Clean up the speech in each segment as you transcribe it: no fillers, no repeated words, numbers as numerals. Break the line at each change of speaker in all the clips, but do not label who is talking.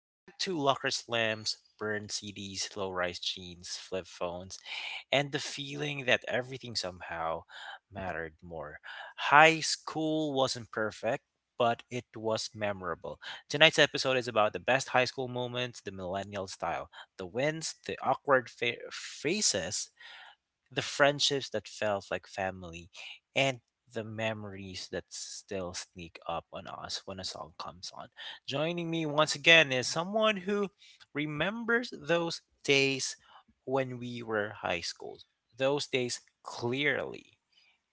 back to locker slams, burned CDs, low rise jeans, flip phones, and the feeling that everything somehow mattered more. High school wasn't perfect, but it was memorable. Tonight's episode is about the best high school moments, the millennial style, the wins, the faces, the friendships that felt like family, and the memories that still sneak up on us when a song comes on. Joining me once again is someone who remembers those days when we were high school. Those days clearly.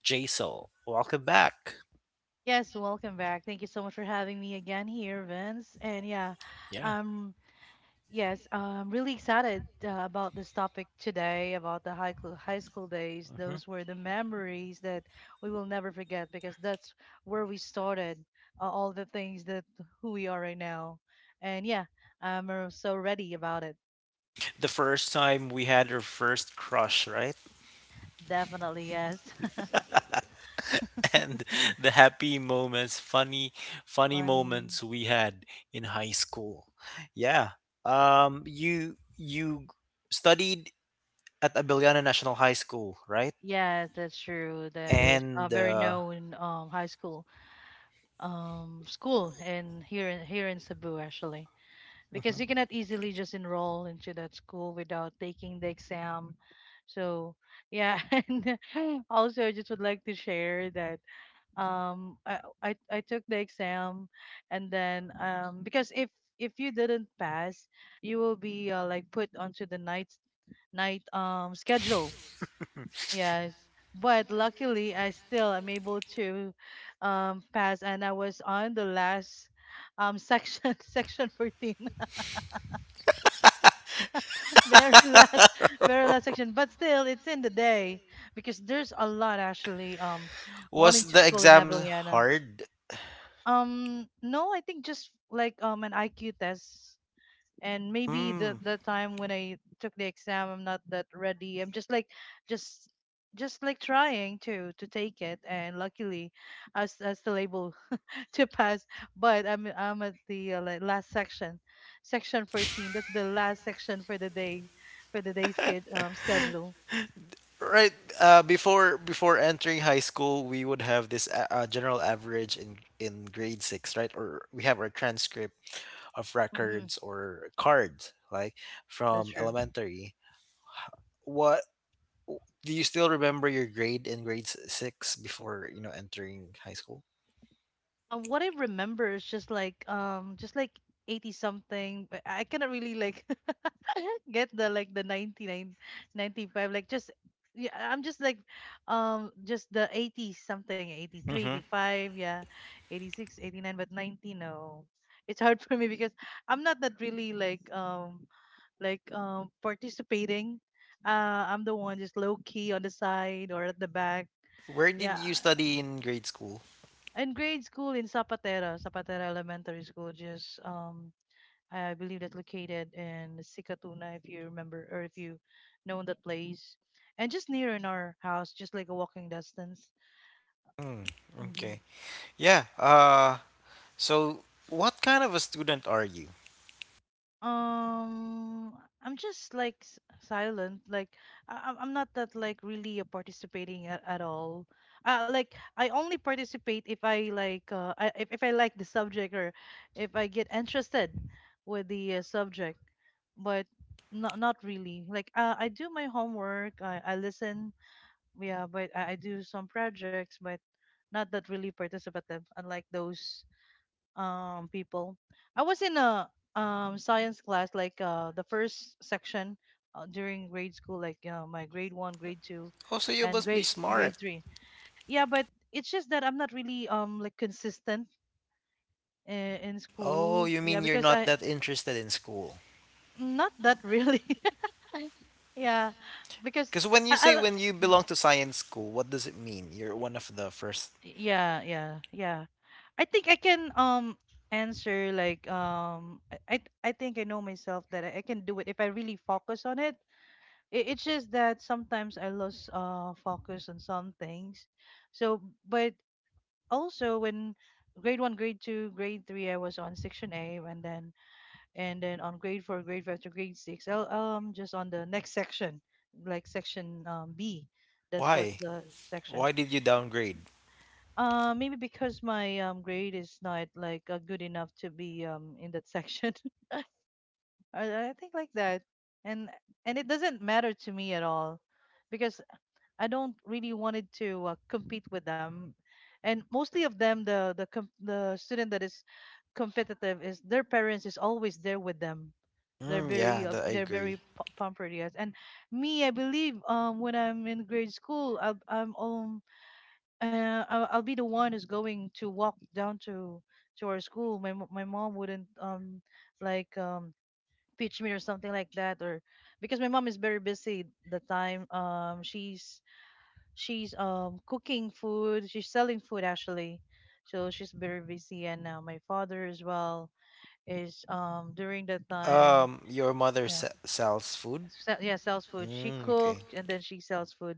Jaisal, welcome back.
Yes, welcome back. Thank you so much for having me again here, Vince. And yeah,
Yeah.
um, yes, I'm really excited about this topic today about the high school days.
Mhm.
Those were the memories that we will never forget because that's where we started all the things that who we are right now. And yeah, I'm so ready about it.
The first time we had our first crush, right?
Definitely, yes.
And the happy moments, funny
Funny.
moments we had in high school. Yeah. You studied at Abiliana National High School, right?
Yeah, that's true. That is a
And
very known high school. School, and here in Cebu actually, because
mhm.
you cannot easily just enroll into that school without taking the exam, so yeah. And also, I just would like to share that I took the exam, and then because if you didn't pass, you will be like put onto the night schedule. Yes. But luckily, I still am able to pass, and I was on the last section, section 14, very last, very last section. But still, it's in the day, because there's a lot actually wanting
Was
to
the
school in
exam
Avellana.
hard?
No, I think just like an IQ test, and maybe the
Mm.
the time when I took the exam, I'm not that ready. I'm just like, just just like trying to take it, and luckily, I was still able to pass. But I'm at the like last section, section 14. That's the last section for the day, for the day's schedule.
Right. Before entering high school, we would have this general average in grade six, right? Or we have our transcript of
Hmm.
records or cards, like
That's
from
true.
elementary. What do you still remember your grade in grade six before entering high school?
What I remember is just like 80 something, but I cannot really like get the like the 99, 95, like just. Yeah, I'm just like, just the 80 something, eighty three eighty
Mm-hmm.
five yeah, 86, 89, but 90, no. It's hard for me because I'm not that really like like participating. I'm the one just low key on the side or at the back.
Where did
Yeah.
you study in grade school?
In grade school, in Zapatera, Zapatera Elementary School, just I believe that's located in Sikatuna, if you remember, or if you know that place, and just near in our house, just like a walking distance.
Hmm.
Hmm.
Okay. Yeah. Uh. So, what kind of a student are you?
I'm just like silent. Like, I'm not that like really participating at all. Like, I only participate if I like if I like the subject, or if I get interested with the subject, but not really. Like, I do my homework. I listen, yeah, but I do some projects, but not that really participative, unlike those people. I was in a science class, like the first section during grade school, like, my grade one, grade two,
Oh, so you
and
must be
grade
smart.
three. Yeah, but it's just that I'm not really like consistent in
Oh,
school.
you
Yeah,
mean you're
because
not
I
that interested in school?
not that really. Yeah, because
Because when you say
I,
when you
I
belong to science school, what does it mean? You're one of the first.
yeah, yeah, yeah. I think I can answer, like, I think I know myself that I can do it if I really focus on It's just that sometimes I lose focus on some things. So, but also, when grade one, grade two, grade three, I was on section A, and then on grade four, grade five to grade six, I'll just on the next section, like section B. That's what
Why?
the section.
Why did you downgrade?
Maybe because my grade is not like good enough to be in that section. I think like that, and it doesn't matter to me at all, because I don't really wanted to compete with them, and mostly of them the student that is competitive is their parents is always there with them. They're
Mm,
very
yeah, that I agree.
pampered, yes. And me, I believe when I'm in grade school, I'm I'll be the one who's going to walk down to our school. My mom wouldn't like pitch me or something like that, or because my mom is very busy the time. She's cooking food. She's selling food actually, so she's very busy. And now my father as well is during that time.
Um, your mother
Yeah,
se- sells food.
sells food. She
Mm, okay.
cooks and then she sells food.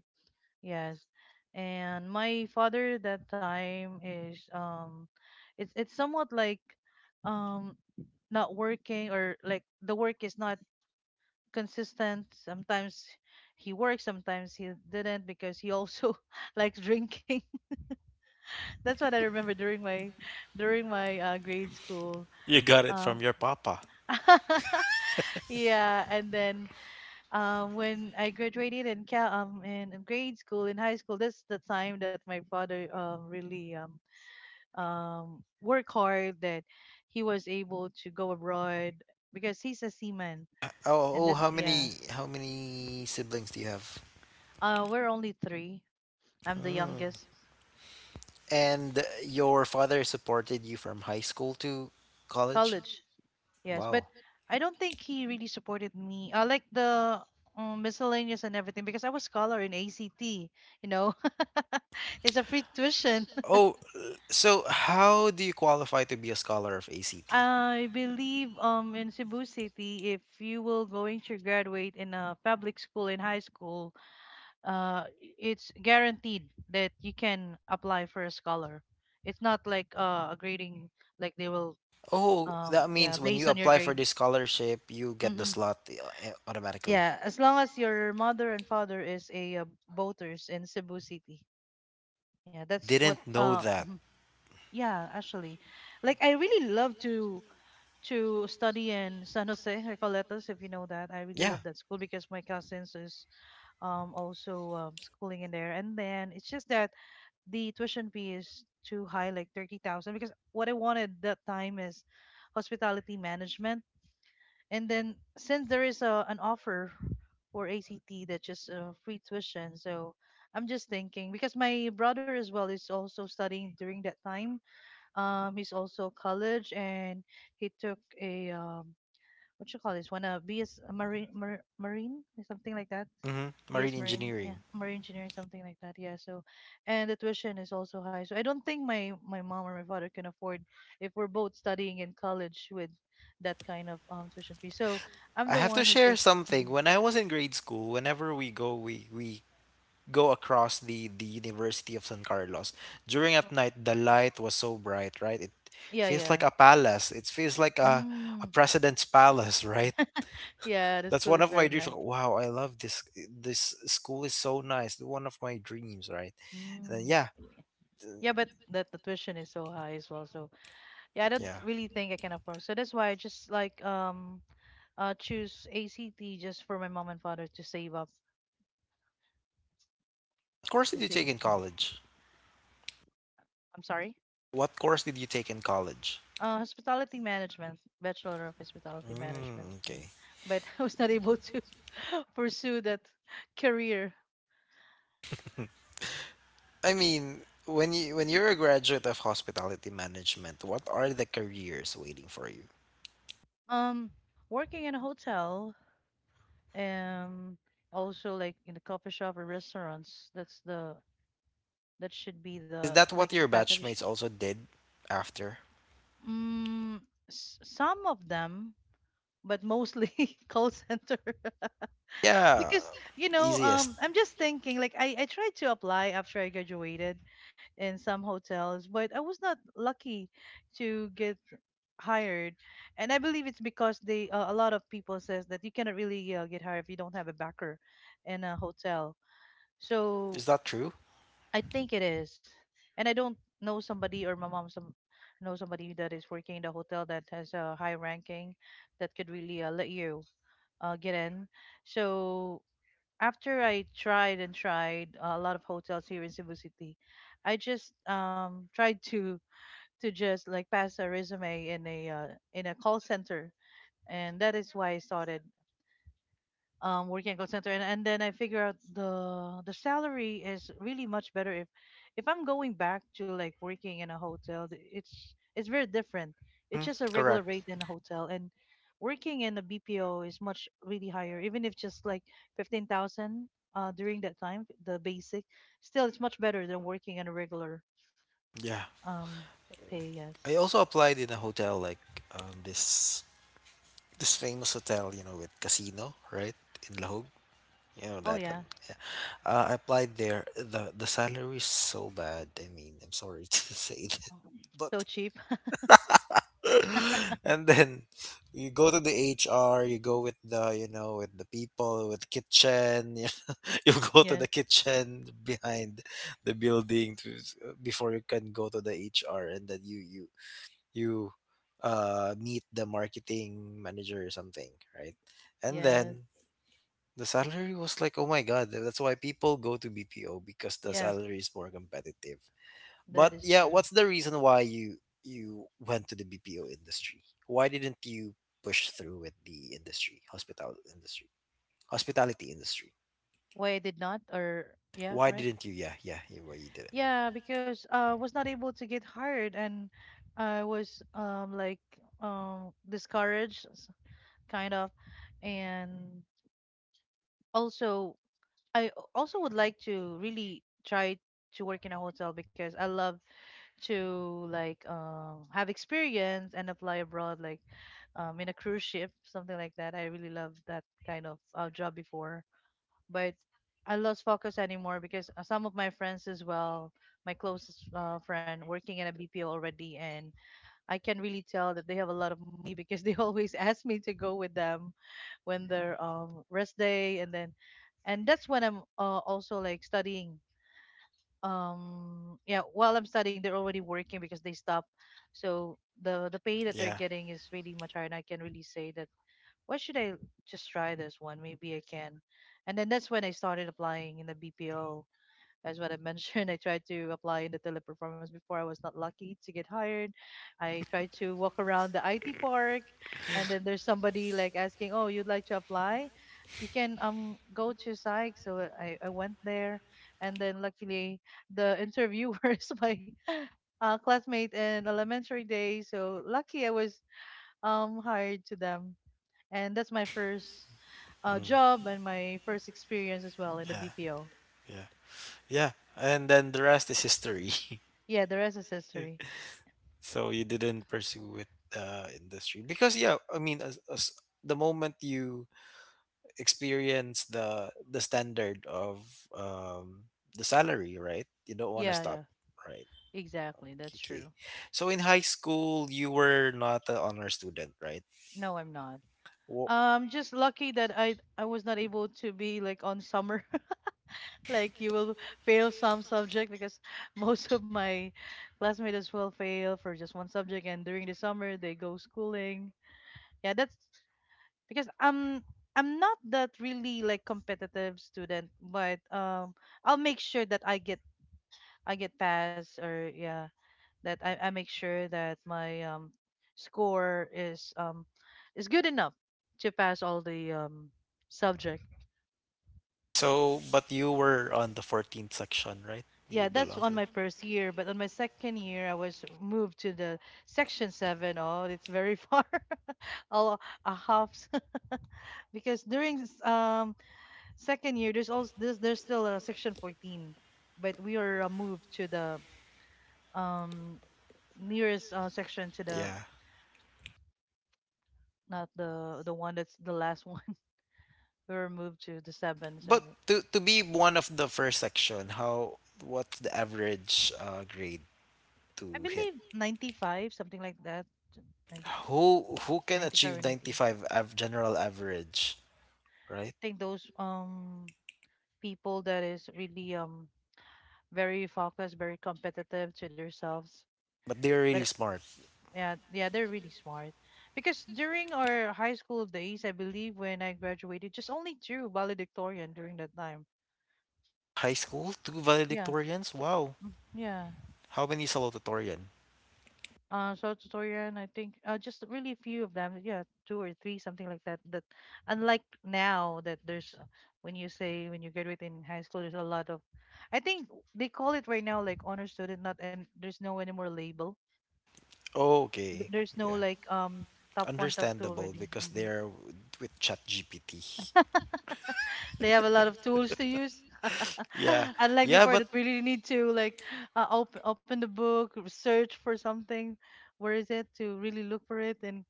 Yes. And my father that time is it's somewhat like um not working, or like the work is not consistent. Sometimes he works, sometimes he didn't because he also likes drinking. That's what I remember during my grade school.
You got it from
Um
your papa.
yeah, and then when I graduated in grade school, in high school, that's the time that my father really work hard that he was able to go abroad, because he's a seaman. And
Oh, oh,
that,
how
yeah,
many how many siblings do you have?
we're only three. I'm the
Mm.
youngest.
And your father supported you from high school to college?
College, yes. But
Wow.
I don't think he really supported me like the miscellaneous and everything, because I was scholar in ACT know it's a free tuition.
Oh, so how do you qualify to be a scholar of ACT?
I believe in Cebu City, if you will going to graduate in a public school in high school, uh it's guaranteed that you can apply for a scholar. It's not like a grading, like they will,
Oh, that
yeah,
means when
based
you
on your
apply for
grade.
this scholarship, you get the
Hmm,
slot automatically.
yeah, as long as your mother and father is a voters in Cebu City. Yeah, that's what
Didn't know that.
mhm. Yeah, actually, like I really love to study in San Jose Recoletos, if you know that. I really
Yeah.
love that school because my cousins is also schooling in there. And then it's just that the tuition fee is too high, like 30,000, because what I wanted that time is hospitality management. And then since there is an offer for ACT that just free tuition, so I'm just thinking, because my brother as well is also studying during that time. He's also college, and he took a what you call this one, a BS marine marine or something like that.
Mm-hmm. Marine
BS marine, yeah,
engineering.
marine engineering, something like that. Yeah. So, and the tuition is also high. So I don't think my mom or my father can afford if we're both studying in college with that kind of tuition fee. So I'm
I
the
have to
one who
share
just,
something.
mhm.
When I was in grade school, whenever we go, we go across the University of San Carlos. During at night, the light was so bright, right? It
Yeah,
feels like
yeah,
a palace. It feels like a
mm,
president's palace, right?
yeah. The
That's
school
one
is
of my
very
dreams.
nice.
Like, wow, I love this. This school is so nice. One of my dreams, right? And then
Mm,
yeah,
yeah. Yeah, but that the tuition is so high as well. So yeah, I don't
yeah.
really think I can afford. So that's why I just like choose ACT just for my mom and father to save up.
What course did you
Just save.
take in college?
I'm sorry.
What course did you take in college?
Hospitality management, Bachelor of Hospitality Management.
Mm,
Mm.
okay.
But I was not able to pursue that career.
I mean, when you when you're a graduate of hospitality management, what are the careers waiting for you?
Um, working in a hotel, um, also like in a coffee shop or restaurants. That's the that should be
Is
the
that
like
what
the
your
path that you should.
batchmates also did after?
Mm, some of them, but mostly call center.
Yeah,
Because, you know,
easiest.
I'm just thinking, like I tried to apply after I graduated in some hotels, but I was not lucky to get hired, and I believe it's because they, a lot of people says that you cannot really get hired if you don't have a backer in a hotel. So
Is that true?
I think it is. And I don't know somebody, or my mom some know somebody that is working in the hotel that has a high ranking that could really let you get in. So after I tried and tried a lot of hotels here in Cebu City, I just tried to just like pass a resume in a call center, and that is why I started working at call center. And then I figure out the salary is really much better if I'm going back to like working in a hotel. It's very different. It's
Mhm.
just a regular
Correct.
rate in a hotel, and working in a BPO is much really higher. Even if just like 15,000 during that time, the basic, still it's much better than working in a regular
Yeah.
um pay. Yes.
I also applied in a hotel like this this famous hotel, you know, with casino, right? In Lahog. You know
Oh
that.
yeah,
Yeah. I applied there. The salary is so bad. I mean, I'm sorry to say that,
so
but
cheap.
and then you go to the HR, you go with the, you know, with the people, with kitchen. You go to the
Yes.
kitchen behind the building to, before you can go to the HR, and then you meet the marketing manager or something, right? And
Yes.
then the salary was like, oh my god, that's why people go to BPO because the
Yes.
salary is more competitive.
That
But
is
yeah,
true.
what's the reason why you you went to the BPO industry? Why didn't you push through with the industry, hospital industry, hospitality industry?
Why I did not, or yeah,
Why
right?
didn't you? Yeah, yeah, yeah, why you didn't?
Yeah, because I was not able to get hired, and I was like discouraged, kind of. And also, I also would like to really try to work in a hotel because I love to like have experience and apply abroad, like in a cruise ship, something like that. I really love that kind of job before, but I lost focus anymore because some of my friends as well, my closest friend working in a BPO already, and I can really tell that they have a lot of money because they always ask me to go with them when their rest day, and then, and that's when I'm also like studying. Yeah, while I'm studying, they're already working because they stop, so the pay that they're
Yeah,
getting is really much higher, and I can really say that why should I just try this one? Maybe I can. And then that's when I started applying in the BPO. As what I mentioned, I tried to apply in the teleperformance before. I was not lucky to get hired. I tried to walk around the IT park, and then there's somebody like asking, "Oh, you'd like to apply? You can go to psych." So I went there, and then luckily the interviewer is my classmate in elementary days. So lucky I was hired to them, and that's my first
mm,
job and my first experience as well in the
yeah,
BPO.
yeah, yeah. And then the rest is history.
Yeah, the rest is
Yeah.
history.
So you didn't pursue with the industry because yeah, I mean, as the moment you experience the standard of the salary, right? You don't want to
Yeah,
stop,
yeah,
right?
exactly. That's true.
Okay. So in high school, you were not an honor student, right?
No, I'm not.
Wh-
Just lucky that I was not able to be like on summer. Like you will fail some subject because most of my classmates as well fail for just one subject, and during the summer they go schooling. Yeah, that's because I'm not that really like competitive student, but I'll make sure that I get pass or yeah, that I make sure that my score is good enough to pass all the subject.
So, but you were on the 14th section, right? You
Yeah, that's
belong
on
to the
my first year, but on my second year, I was moved to the section seven. Oh, it's very far, a, a half, because during second year, there's also there's still a section 14, but we are moved to the um nearest section to the,
yeah.
not the one that's the last one. We were moved to the seven,
But
so
to be one of the first section, how what's the average grade
I
to
believe
hit?
95, something like that. 95
Who can
95 or
achieve
90s.
95 general average? Right?
I think those people that is really very focused, very competitive to themselves.
But they're
But
really smart.
yeah, yeah, they're really smart. Because during our high school days, I believe when I graduated, just only two valedictorian during that time.
High school, two
Yeah.
valedictorians? Wow.
Mm, yeah.
How many salutatorian?
Uh, short tutorial, I think, just really a few of them, yeah, two or three, something like that. That, unlike now, that there's when you say when you graduate in high school, there's a lot of, I think, they call it right now like honor student, not, and there's no anymore label.
Oh, okay.
There's no
Yeah.
like top one top two
Understandable
already.
because
Hmm.
they're with ChatGPT.
They have a lot of tools to use
Yeah.
unlike
Yeah,
before,
but
that really need to like, open the book, search for something, where is it, to really look for it. And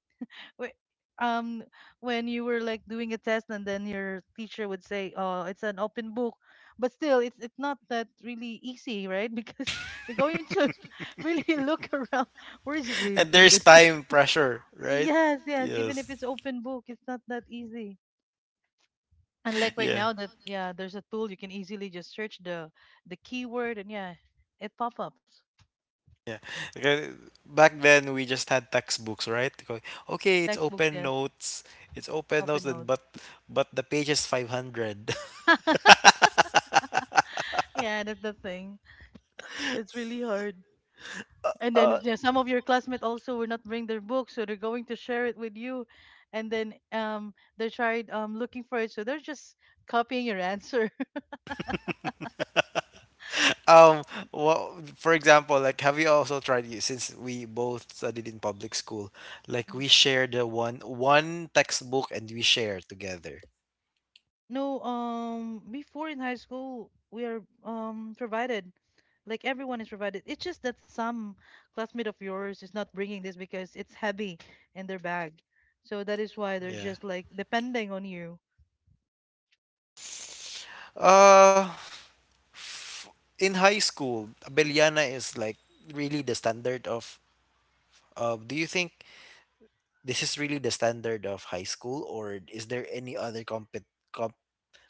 wh- um when you were like doing a test and then your teacher would say, oh, it's an open book, but still, it's not that really easy, right? Because you're going to really look around where is it really
and there's
located.
time pressure, right?
Yes, yes, even if
Yes.
it's open book, it's not that easy. And like right
Yeah.
now that yeah, there's a tool, you can easily just search the keyword, and yeah, it pop-ups.
Yeah. Okay, back then we just had textbooks, right? Go- okay, it's
Textbooks,
open
yes.
notes. It's open
Open
notes and
notes.
but the page is 500.
Yeah, that's the thing, it's really hard. And then yeah, some of your classmates also will not bring their books, so they're going to share it with you. And then they tried looking for it, so they're just copying your answer.
Um, well, for example, like have you also tried you since we both studied in public school, like
Mhm.
we share the one one textbook and we share together.
No, before in high school, we are provided. Like everyone is provided. It's just that some classmate of yours is not bringing this because it's heavy in their bag. So that is why they're
Yeah.
just like depending on you.
Uh, in high school, Abeliana is like really the standard of. Do you think this is really the standard of high school, or is there any other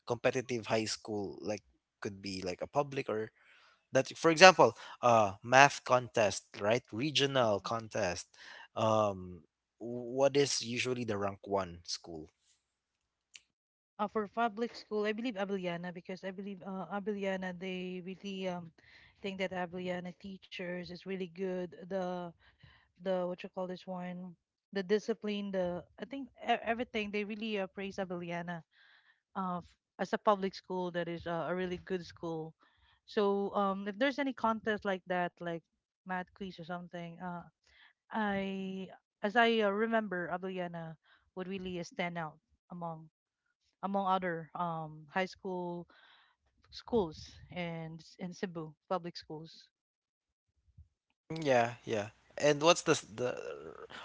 competitive high school like could be like a public or that for example math contest right regional contest um what is usually the rank one school?
Uh, for public school, I believe Abellana, because I believe Abellana, they really think that Abellana teachers is really good. The what you call this one, the discipline, the, I think everything, they really praise Abellana as a public school that is a really good school. So if there's any contest like that, like math quiz or something, I as I remember, Abellana would really stand out among, among other high school schools and in Cebu public schools.
Mm, yeah, yeah. And what's the,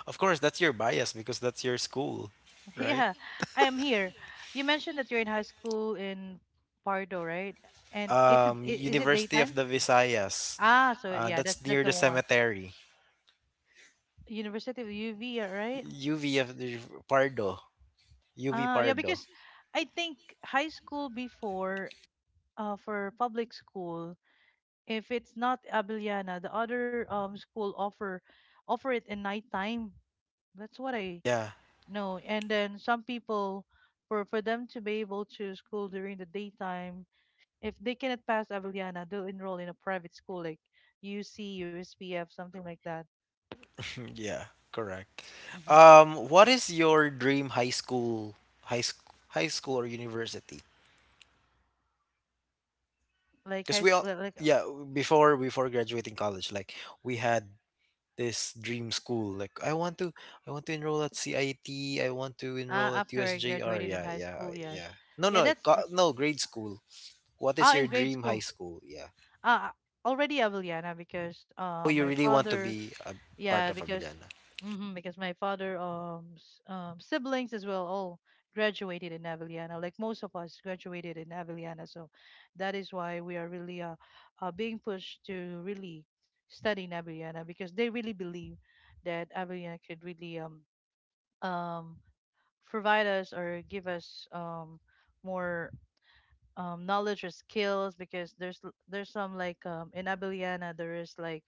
of course that's your bias because that's your school, right?
Yeah, I am here. You mentioned that you're in high school in Pardo, right? And it's, is it
University of
daytime?
the visayas,
Ah, so yeah,
that's
that's
near the
the one.
cemetery.
University of UV, yeah, right?
UV
S-
of the Pardo. UV
Ah, yeah,
Pardo.
because I think high school before, for public school, if it's not Abiliana, the other school offer, offer it in nighttime. That's what I—
Yeah.
no, and then some people, for them to be able to school during the daytime, if they cannot pass Avellana, they'll enroll in a private school like UC, USPF, something like that.
Yeah, correct.
Hmm.
What is your dream high school or university?
Like
Cuz
high
we all,
school,
yeah, before graduating college like we had this dream school like I want to enroll at CIT, I T. I want to
ah,
enroll at
after I
USJR.
graduated in
Yeah,
high
yeah,
school, yes,
yeah. No,
yeah,
no,
that's
no grade school. What is
ah,
your
in grade
dream high
school.
school? Yeah.
Ah, already Avellana, because
Oh, you
my
really want to
father.
be a
Yeah,
part of
because
Abiliana.
hmm, because my father siblings as well all graduated in Avellana. Like most of us graduated in Avellana, so that is why we are really being pushed to really study in Avellana because they really believe that Avellana could really um provide us or give us more knowledge or skills, because there's there's some like in Avellana there is like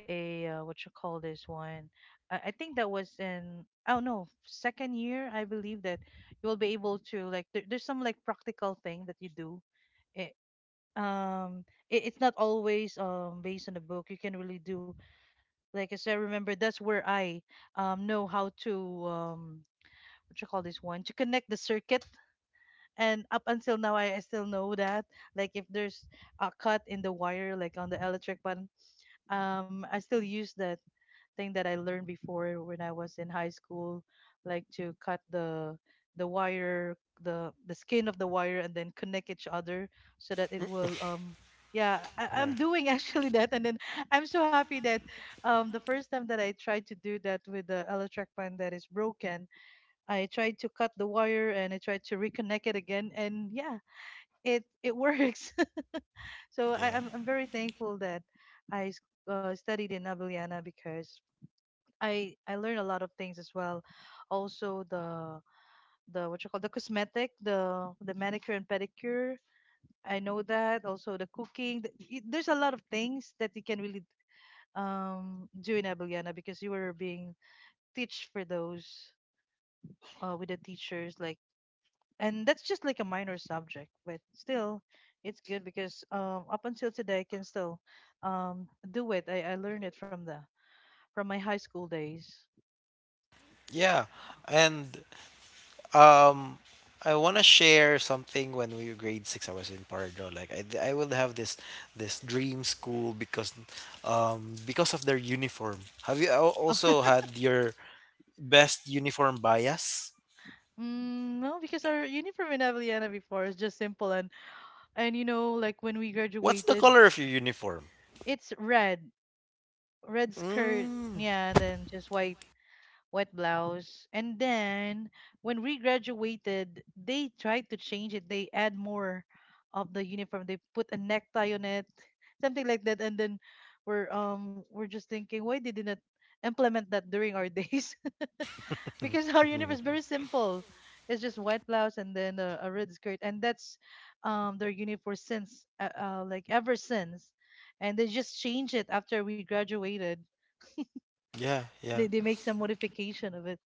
a what you call this one, I think that was in, oh no, second year I believe, that you will be able to like there, there's some like practical thing that you do it, it, it's not always based on the book, you can really do, like as I remember, that's where I know how to what you call this one, to connect the circuit. And up until now I still know that, like if there's a cut in the wire, like on the electric button, I still use that thing that I learned before when I was in high school, like to cut the wire, the skin of the wire, and then connect each other, so that it will. Yeah, I,
Yeah.
I'm doing actually that, and then I'm so happy that the first time that I tried to do that with the electric fan that is broken, I tried to cut the wire and I tried to reconnect it again, and yeah, it works. So I,
Yeah.
I'm I'm very thankful that I studied in Avellana, because I learned a lot of things as well. Also the what you call the cosmetic, the manicure and pedicure. I know that. Also the cooking. There's a lot of things that you can really do in Abellana because you were being teach for those with the teachers like, and that's just like a minor subject, but still, it's good because up until today I can still do it. I learned it from the, from my high school days.
Yeah, and um, I want to share something. When we were grade six, I was in Pardo. Like I would have this this dream school because of their uniform. Have you also had your best uniform bias?
Mm, no, because our uniform in Avellana before is just simple, and you know like when we
What's the
graduated,
color of your uniform?
it's red, red skirt,
Mm,
yeah, and then just white, white blouse. And then when we graduated, they tried to change it. They add more of the uniform. They put a necktie on it, something like that. And then we're just thinking, why they didn't implement that during our days? Because our uniform is very simple. It's just white blouse and then a red skirt, and that's their uniform since like ever since, and they just change it after we graduated.
yeah, yeah,
They make some modification of it.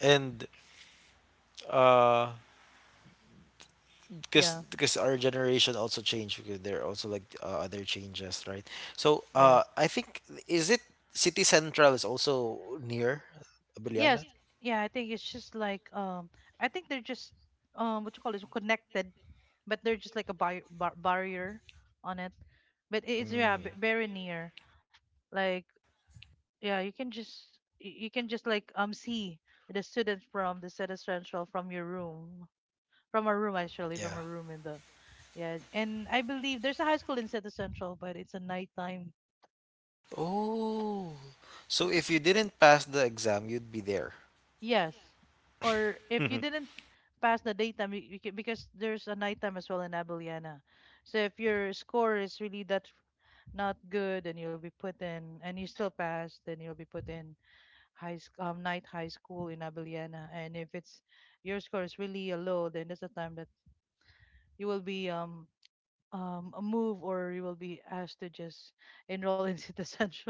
and uh
Yeah.
because our generation also changed because there are also like other changes, right? So
Yes.
I think is it city central is also near
Yes.
Abiliana?
Yeah. I think it's just like I think they're just what you call it, connected, but they're just like a barrier on it. But it's yeah,
Mm,
very near. Like yeah you can just, you can just like see the students from the set essential from your room, from a room, actually, from
yeah.
a room in the— yeah, and I believe there's a high school in set essential, but it's a nighttime.
Oh, so if you didn't pass the exam you'd be there.
Yes, or if you didn't pass the daytime, you can, because there's a nighttime as well in Abeliana, so if your score is really that not good and you'll be put in, and you still pass, then you'll be put in high night high school in Abiliana. And if it's your score is really low, then that's the time that you will be a move or you will be asked to just enroll in City Central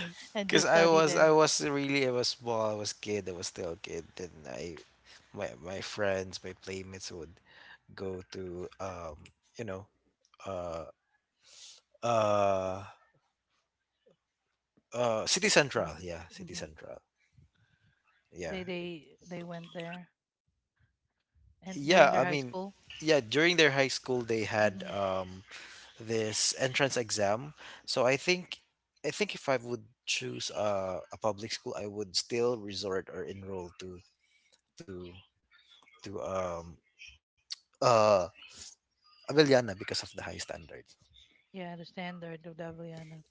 and
Because
just
i
study
was I
there.
was really I was small I was kid I was still a kid and I my my friends my playmates would go to you know uh uh
Mm,
City
mhm.
Central, yeah,
They went there and during
yeah.
their
I
high
mean,
school.
yeah. During their high school, they had
Hmm.
this entrance exam. So I think if I would choose a public school, I would still resort or enroll to to to um uh Avellana because of the high standards.
Yeah, the standard of the Abiliana.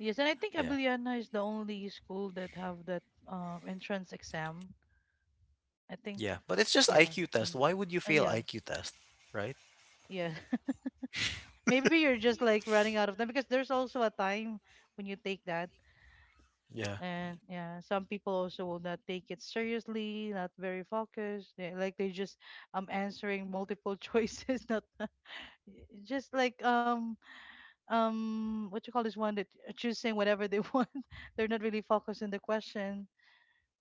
Yes, and I
Yeah,
think Abiliana is the only school that have that entrance exam. I
yeah.
think,
But it's just IQ
yeah.
test. Why
Mm.
would you fail IQ
Yes.
test, right?
Yeah. Maybe you're just like running out of time because there's also a time when you take that.
Yeah.
And yeah, some people also will not take it seriously, not very focused. Like they just answering multiple choices, not just like what you call this one that choosing whatever they want. They're not really focused in the question.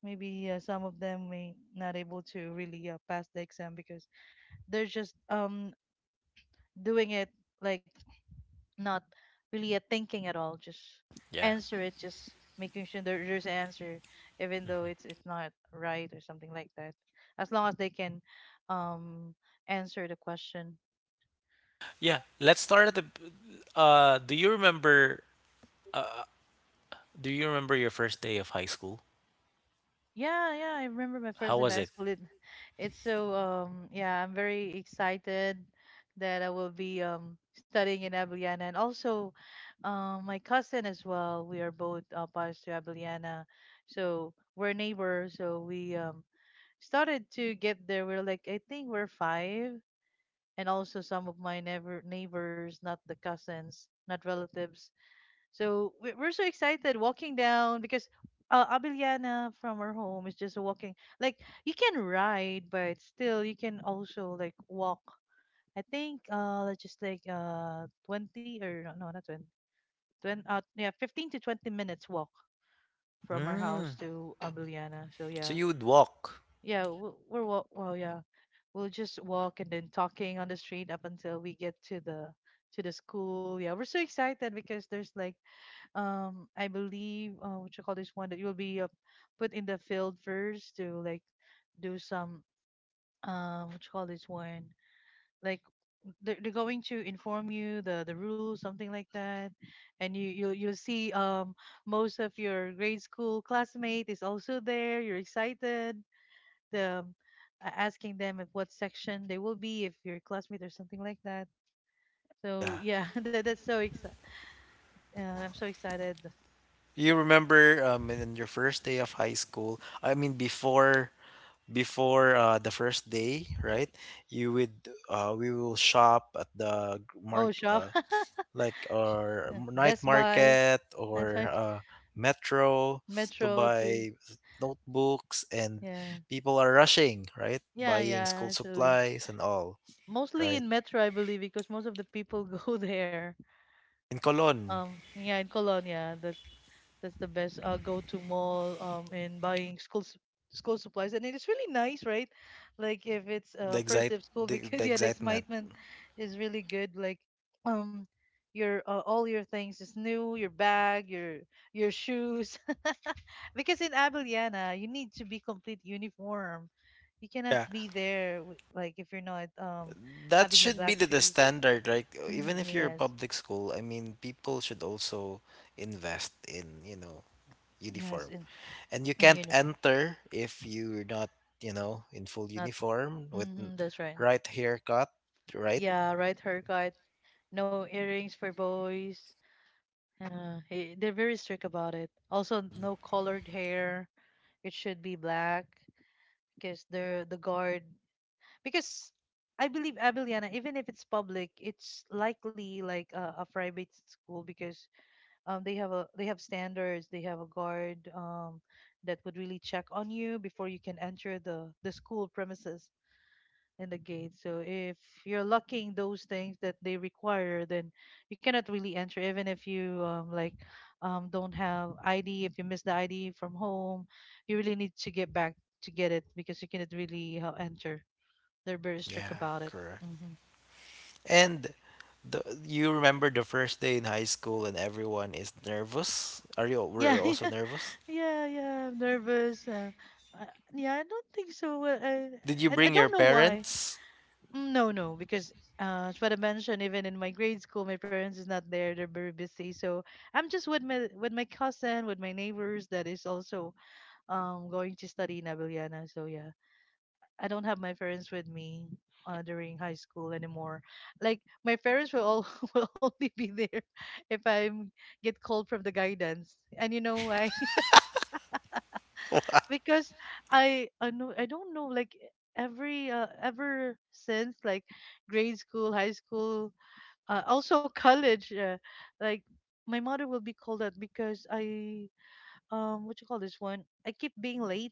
Maybe some of them may not able to really pass the exam because they're just doing it, like not really a thinking at all, just
Yeah.
answer it, just making sure there's an answer even though it's
Mm-hmm.
it's not right or something like that, as long as they can um answer the question.
Yeah. Let's start at the. Do you remember? Uh? Do you remember your first day of high school?
Yeah, yeah, I remember my
How
first day of
was
high
it?
school. It's so, yeah, I'm very excited that I will be studying in Abiliana, and also my cousin as well. We are both passed to Abiliana, so we're neighbors. So we started to get there. We're like, I think we're five, and also some of my neighbors, not the cousins, not relatives. So we're so excited walking down because Abiliana from our home is just walking. Like you can ride, but still you can also like walk. I think, let's just like, 20, or no, no, not twenty twenty 20, yeah, 15 to 20 minutes walk from our house
Mm.
to Abiliana. So
So
yeah.
you would walk.
Yeah, we're walk. Well, yeah, we'll just walk and then talking on the street up until we get to the school. Yeah, we're so excited because there's like, I believe, what you call this one, that you will be put in the field first to like do some, what you call this one, like they're going to inform you the rules, something like that. And you'll see most of your grade school classmate is also there. You're excited, the asking them at what section they will be, if you're a classmate or something like that. So
Yeah.
yeah, that's so excited. I'm so excited.
You remember in your first day of high school, I mean before the first day, right? You would we will shop at the
Oh,
mark
shop,
like our night
Best Buy,
market
I
or
think,
metro to
Metro too.
buy notebooks and
Yeah,
people are rushing, right?
yeah,
Buying
yeah.
school
Actually,
supplies and all,
mostly
right?
in Metro, I believe, because most of the people go there.
In Colon.
Yeah, in Colonia, that's the best go to mall, in buying school school supplies. And it is really nice, right? Like if it's
The
first day of school,
the
because yeah, the
excitement.
excitement is really good. Like, um, your all your things is new, your bag, your shoes. Because in Abiliana, you need to be complete uniform. You cannot
Yeah,
be there with, like if you're not
that
having a
should be
black
the
shoes.
standard, like even if you're a
Yes,
public school, I mean people should also invest in, you know,
yes,
uniform,
in
and you
in
can't
uniform.
enter if you're not, you know, in full
Not.
uniform with
That's right.
right haircut, right?
Yeah, right haircut, no earrings for boys. They're very strict about it. Also, no colored hair. It should be black because they're the guard. Because I believe Abiliana, even if it's public, it's likely like a private school because they have standards. They have a guard that would really check on you before you can enter the school premises. In the gate. So if you're locking those things that they require, then you cannot really enter, even if you, like, don't have ID. If you miss the ID from home, you really need to get back to get it, because you cannot really enter. They're very strict
Yeah,
about it.
correct.
Hmm.
And the, you remember the first day in high school and everyone is nervous, are you, were
Yeah,
you also
yeah,
nervous,
yeah, yeah. I'm nervous. Uh, yeah, I don't think so. I,
did you
I I
bring your
don't know why.
parents?
No, no, because as what I mentioned, even in my grade school, my parents is not there; they're very busy. So I'm just with my cousin, with my neighbors that is also going to study in Abiliana. So yeah, I don't have my parents with me during high school anymore. Like my parents will all will only be there if I get called from the guidance, and you know why? Because I know I don't know, like every, ever since like grade school, high school, also college, like my mother will be called out because I, what you call this one, I keep being late.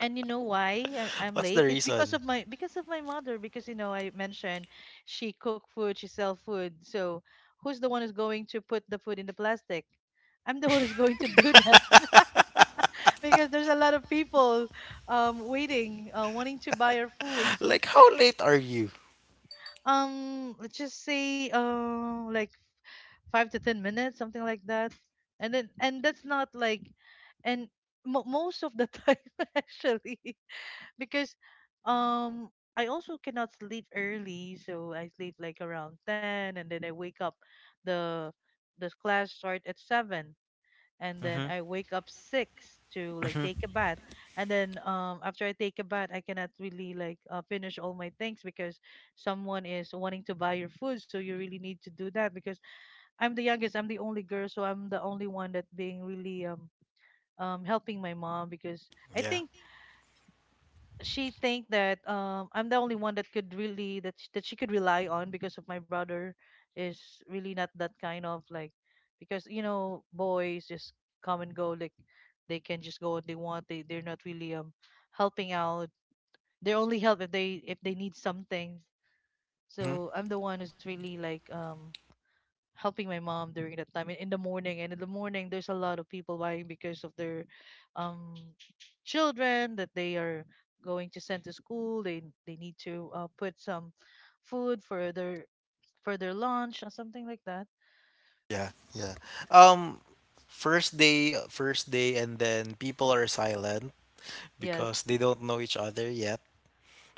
And you know why I'm
What's the
late? It's because
reason?
of my mother, because, I mentioned, she cook food, she sell food. So who's the one who's going to put the food in the plastic? I'm the one who's going to do that because there's a lot of people waiting, wanting to buy our food. So,
Like, how late are you?
let's just say, like 5 to 10 minutes, something like that. And then, and that's not like, and mo most of the time actually. Because um I also cannot sleep early, so I sleep like around 10, and then I wake up. the The class start at 7, and then
Mm-hmm.
I wake up 6 to like
Mm-hmm.
take a bath, and then after I take a bath, I cannot really like finish all my things because someone is wanting to buy your food, so you really need to do that because I'm the youngest. I'm the only girl, so I'm the only one that being really helping my mom because I
Yeah.
think she think that I'm the only one that could really, that she could rely on, because of my brother is really not that kind of, like, because boys just come and go, like they can just go what they want. They're not really helping out. They only help if they need something.
Mm-hmm.
So I'm the one who's really like helping my mom during that time, in the morning. And in the morning, there's a lot of people buying because of their, um, children that they are going to send to school. They need to put some food for their lunch or something like that.
Yeah. Yeah. Um, first day, and then people are silent
Yes.
because they don't know each other yet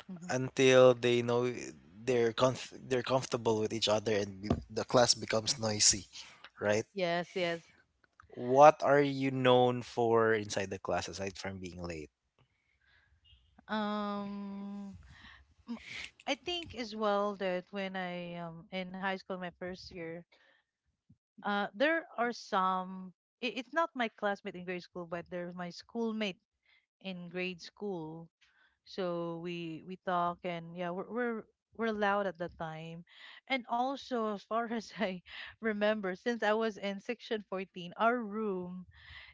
Hmm,
until they know they're they're comfortable with each other and the class becomes noisy, right?
yes, yes.
What are you known for inside the class aside from being late?
Um, m- I think as well that when I, in high school, my first year, there are some. It's not my classmate in grade school, but they're my schoolmate in grade school. So we talk. And yeah, we're loud at the time. And also, as far as I remember, since I was in section 14, our room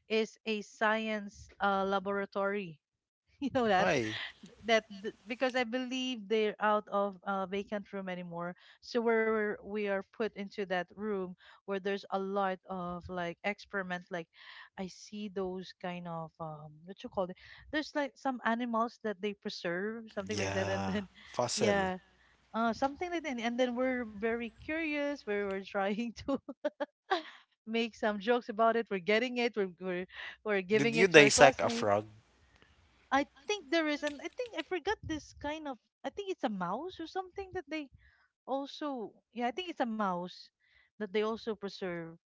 is a science, laboratory. You know that?
Why?
Because I believe they're out of vacant room anymore. So we are put into that room where there's a lot of like experiment. Like I see those kind of, what you call it. There's like some animals that they preserve, something like that, and
Yeah,
then
fossil.
yeah. Something like that, and then we're very curious. We're trying to make some jokes about it. We're getting it. We're
Did
giving
you
it to our
dissect a
classmates.
frog?
I think there is, and I think I forgot this kind of. I think it's a mouse or something that they also. Yeah, I think it's a mouse that they also preserve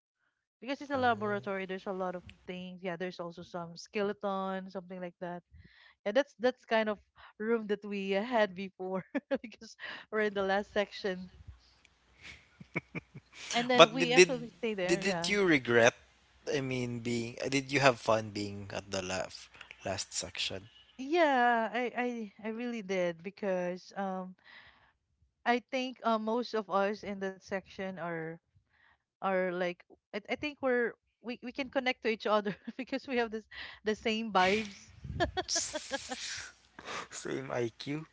because it's a laboratory. There's a lot of things. Yeah, there's also some skeleton, something like that. Yeah, that's kind of room that we had before because we're in the last section, and then
But
we
did did
actually stay there.
did did
Yeah.
you regret? I mean, being did you have fun being at the last section?
Yeah, I really did because I think most of us in that section are or like I think we can connect to each other because we have this the same vibes,
Same IQ.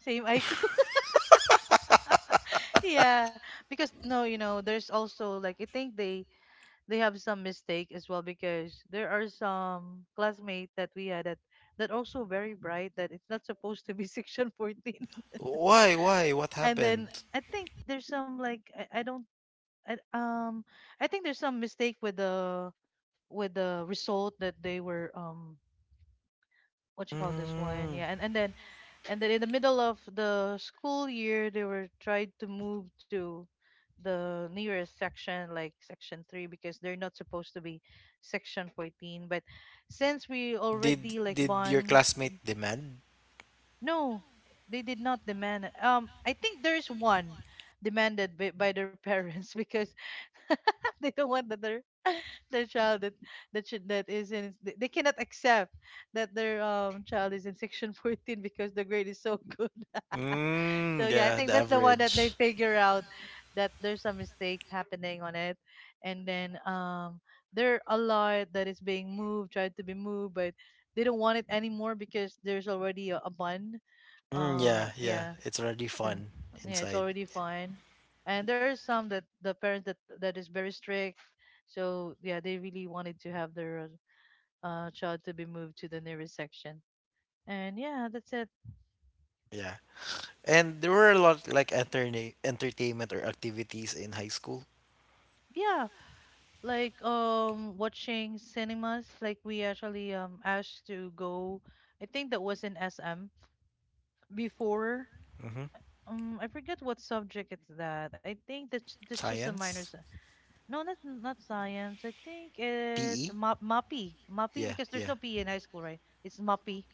same IQ yeah. because no you know there's also like I think they have some mistake as well because there are some classmates that we had that that also very bright, that it's not supposed to be section 14.
Why? Why? What
And then
happened?
I think there's some like I don't I, um I think there's some mistake with the result that they were what you call this one,
Mm.
yeah, and then in the middle of the school year they were tried to move to the nearest section, like section 3, because they're not supposed to be section 14. But since we already like
Did your
bond,
classmate demand?
no, they did not demand. I think there's one demanded by their parents because they don't want that their their child that that should that is in they cannot accept that their child is in section 14 because the grade is so good. So
Mm,
yeah, I
yeah,
think
the
that's the one that they
average.
figure out that there's some mistakes happening on it, and then there are a lot that is being moved, tried to be moved, but they don't want it anymore because there's already a bun.
Mm, yeah, yeah.
Yeah,
It's already
so
fun
yeah, it's
inside.
already fine, and there are some that the parents that that is very strict. So yeah, they really wanted to have their child to be moved to the nearest section, and yeah, that's it.
Yeah. And there were a lot like entertainment or activities in high school.
Yeah, like watching cinemas, like we actually asked to go. I think that was in SM before.
Mm-hmm.
I forget what subject it's that. I think that's just a minor
Science,
no, not not science. I think it's
PE.
map, mappy, mappy,
Yeah,
because there's
yeah.
no P in high school, right? It's mappy.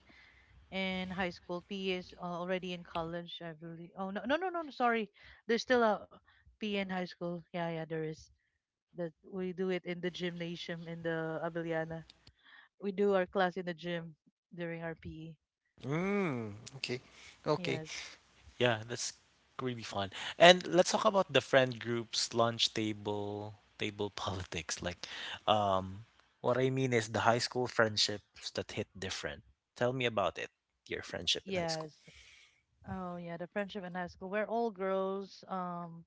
In high school, P is already in college, I believe. Oh, no no no no no, sorry, there's still a P in high school. Yeah, yeah, there is. That we do it in the gymnasium in the Abiliana, we do our class in the gym during our PE.
Mm, okay. Okay.
Yes.
Yeah, that's really fun. And let's talk about the friend groups, lunch table, table politics. Like, um, what I mean is the high school friendships that hit different. Tell me about it, your friendship in high school.
Yes. Oh yeah, the friendship in high school. We're all girls.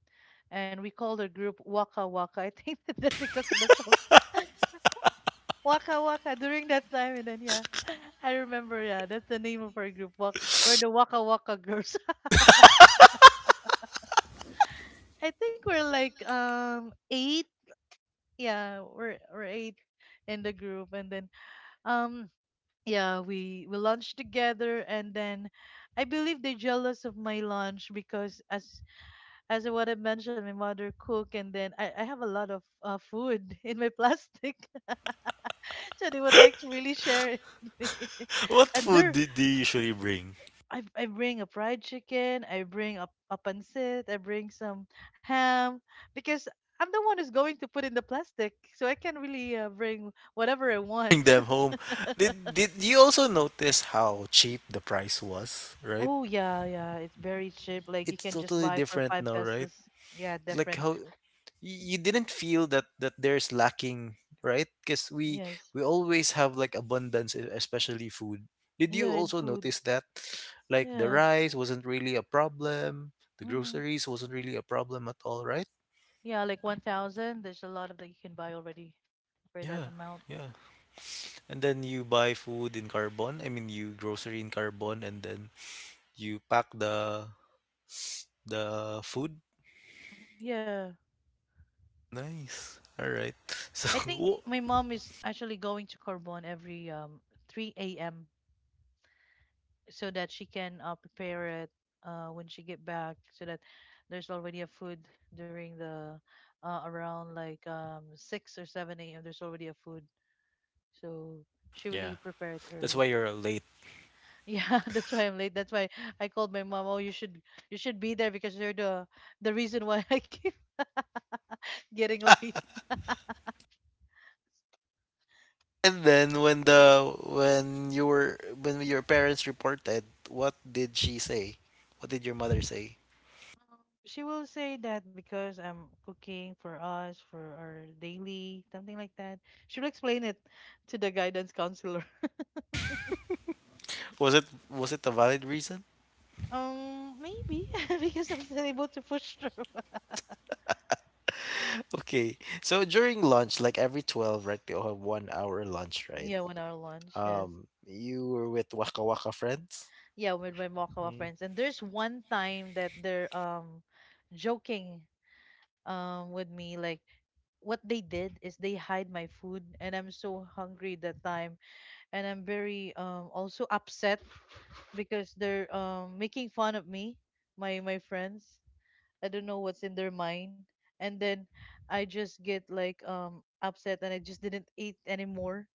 And we called our group Waka Waka. I think that's because of the song Waka Waka during that time. And then yeah, I remember. Yeah, that's the name of our group. We're the Waka Waka girls. I think we're like 8. Yeah, we're 8 in the group. And then um yeah, we lunch together, and then I believe they're jealous of my lunch because as what I mentioned, my mother cook, and then I have a lot of food in my plastic so they would like to really share it with me.
What
and
food
there
did they usually bring?
I bring a fried chicken, I bring a pancit, I bring some ham, because I'm the one who's going to put in the plastic, so I can really bring whatever I
Bring
want.
them home. Did you also notice how cheap the price was, right?
Oh yeah, yeah, it's very cheap. Like you
It's
can just
totally
buy for
different
five
now, right?
pesos. Yeah,
Like
different.
how you didn't feel that there's lacking, right? Because we
Yes.
we always have like abundance, especially food. Did you
Yeah, in
also
food.
notice that? Like the
Yes.
rice wasn't really a problem, the
Mm-hmm.
groceries wasn't really a problem at all, right?
Yeah, like 1,000. There's a lot of that you can buy already for that
Yeah,
amount.
yeah, and then you buy food in Carbon, I mean you grocery in Carbon, and then you pack the food.
Yeah.
Nice, all right. so
I think
wo-
my mom is actually going to Corbon every 3 a.m. so that she can prepare it when she get back, so that there's already a food during the around like 6 or 7 a.m. there's already a food. So she really
Yeah.
prepared
That's
early.
why you're late.
Yeah, that's why I'm late. That's why I called my mom. Oh, you should be there because you're the reason why I keep getting late.
And then when the when you were when your parents reported, what did she say? What did your mother say?
She will say that because I'm cooking for us for our daily, something like that. She'll explain it to the guidance counselor.
Was it a valid reason?
Maybe because I'm still able to push through.
Okay. So during lunch, like every 12, right, you'll have 1 hour lunch, right?
Yeah, 1 hour lunch, yes.
You were with Waka Waka friends?
Yeah, with my Mokawa
Mm.
friends. And there's one time that they're joking with me, like what they did is they hide my food, and I'm so hungry that time, and I'm very also upset because they're making fun of me, my friends. I don't know what's in their mind, and then I just get like upset and I just didn't eat anymore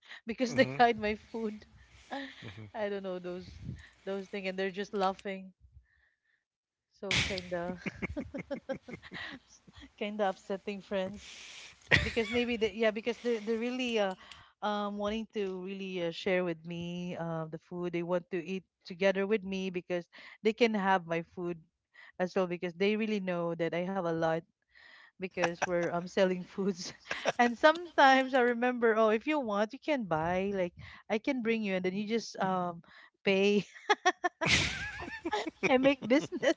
because they
Mm-hmm.
hide my food.
Hmm.
I don't know those things, and they're just laughing. So kinda kinda upsetting friends, because maybe they, yeah, because they're really wanting to really share with me the food, they want to eat together with me, because they can have my food as well, because they really know that I have a lot, because we're selling foods and sometimes I remember, oh, if you want you can buy, like I can bring you and then you just pay and make business.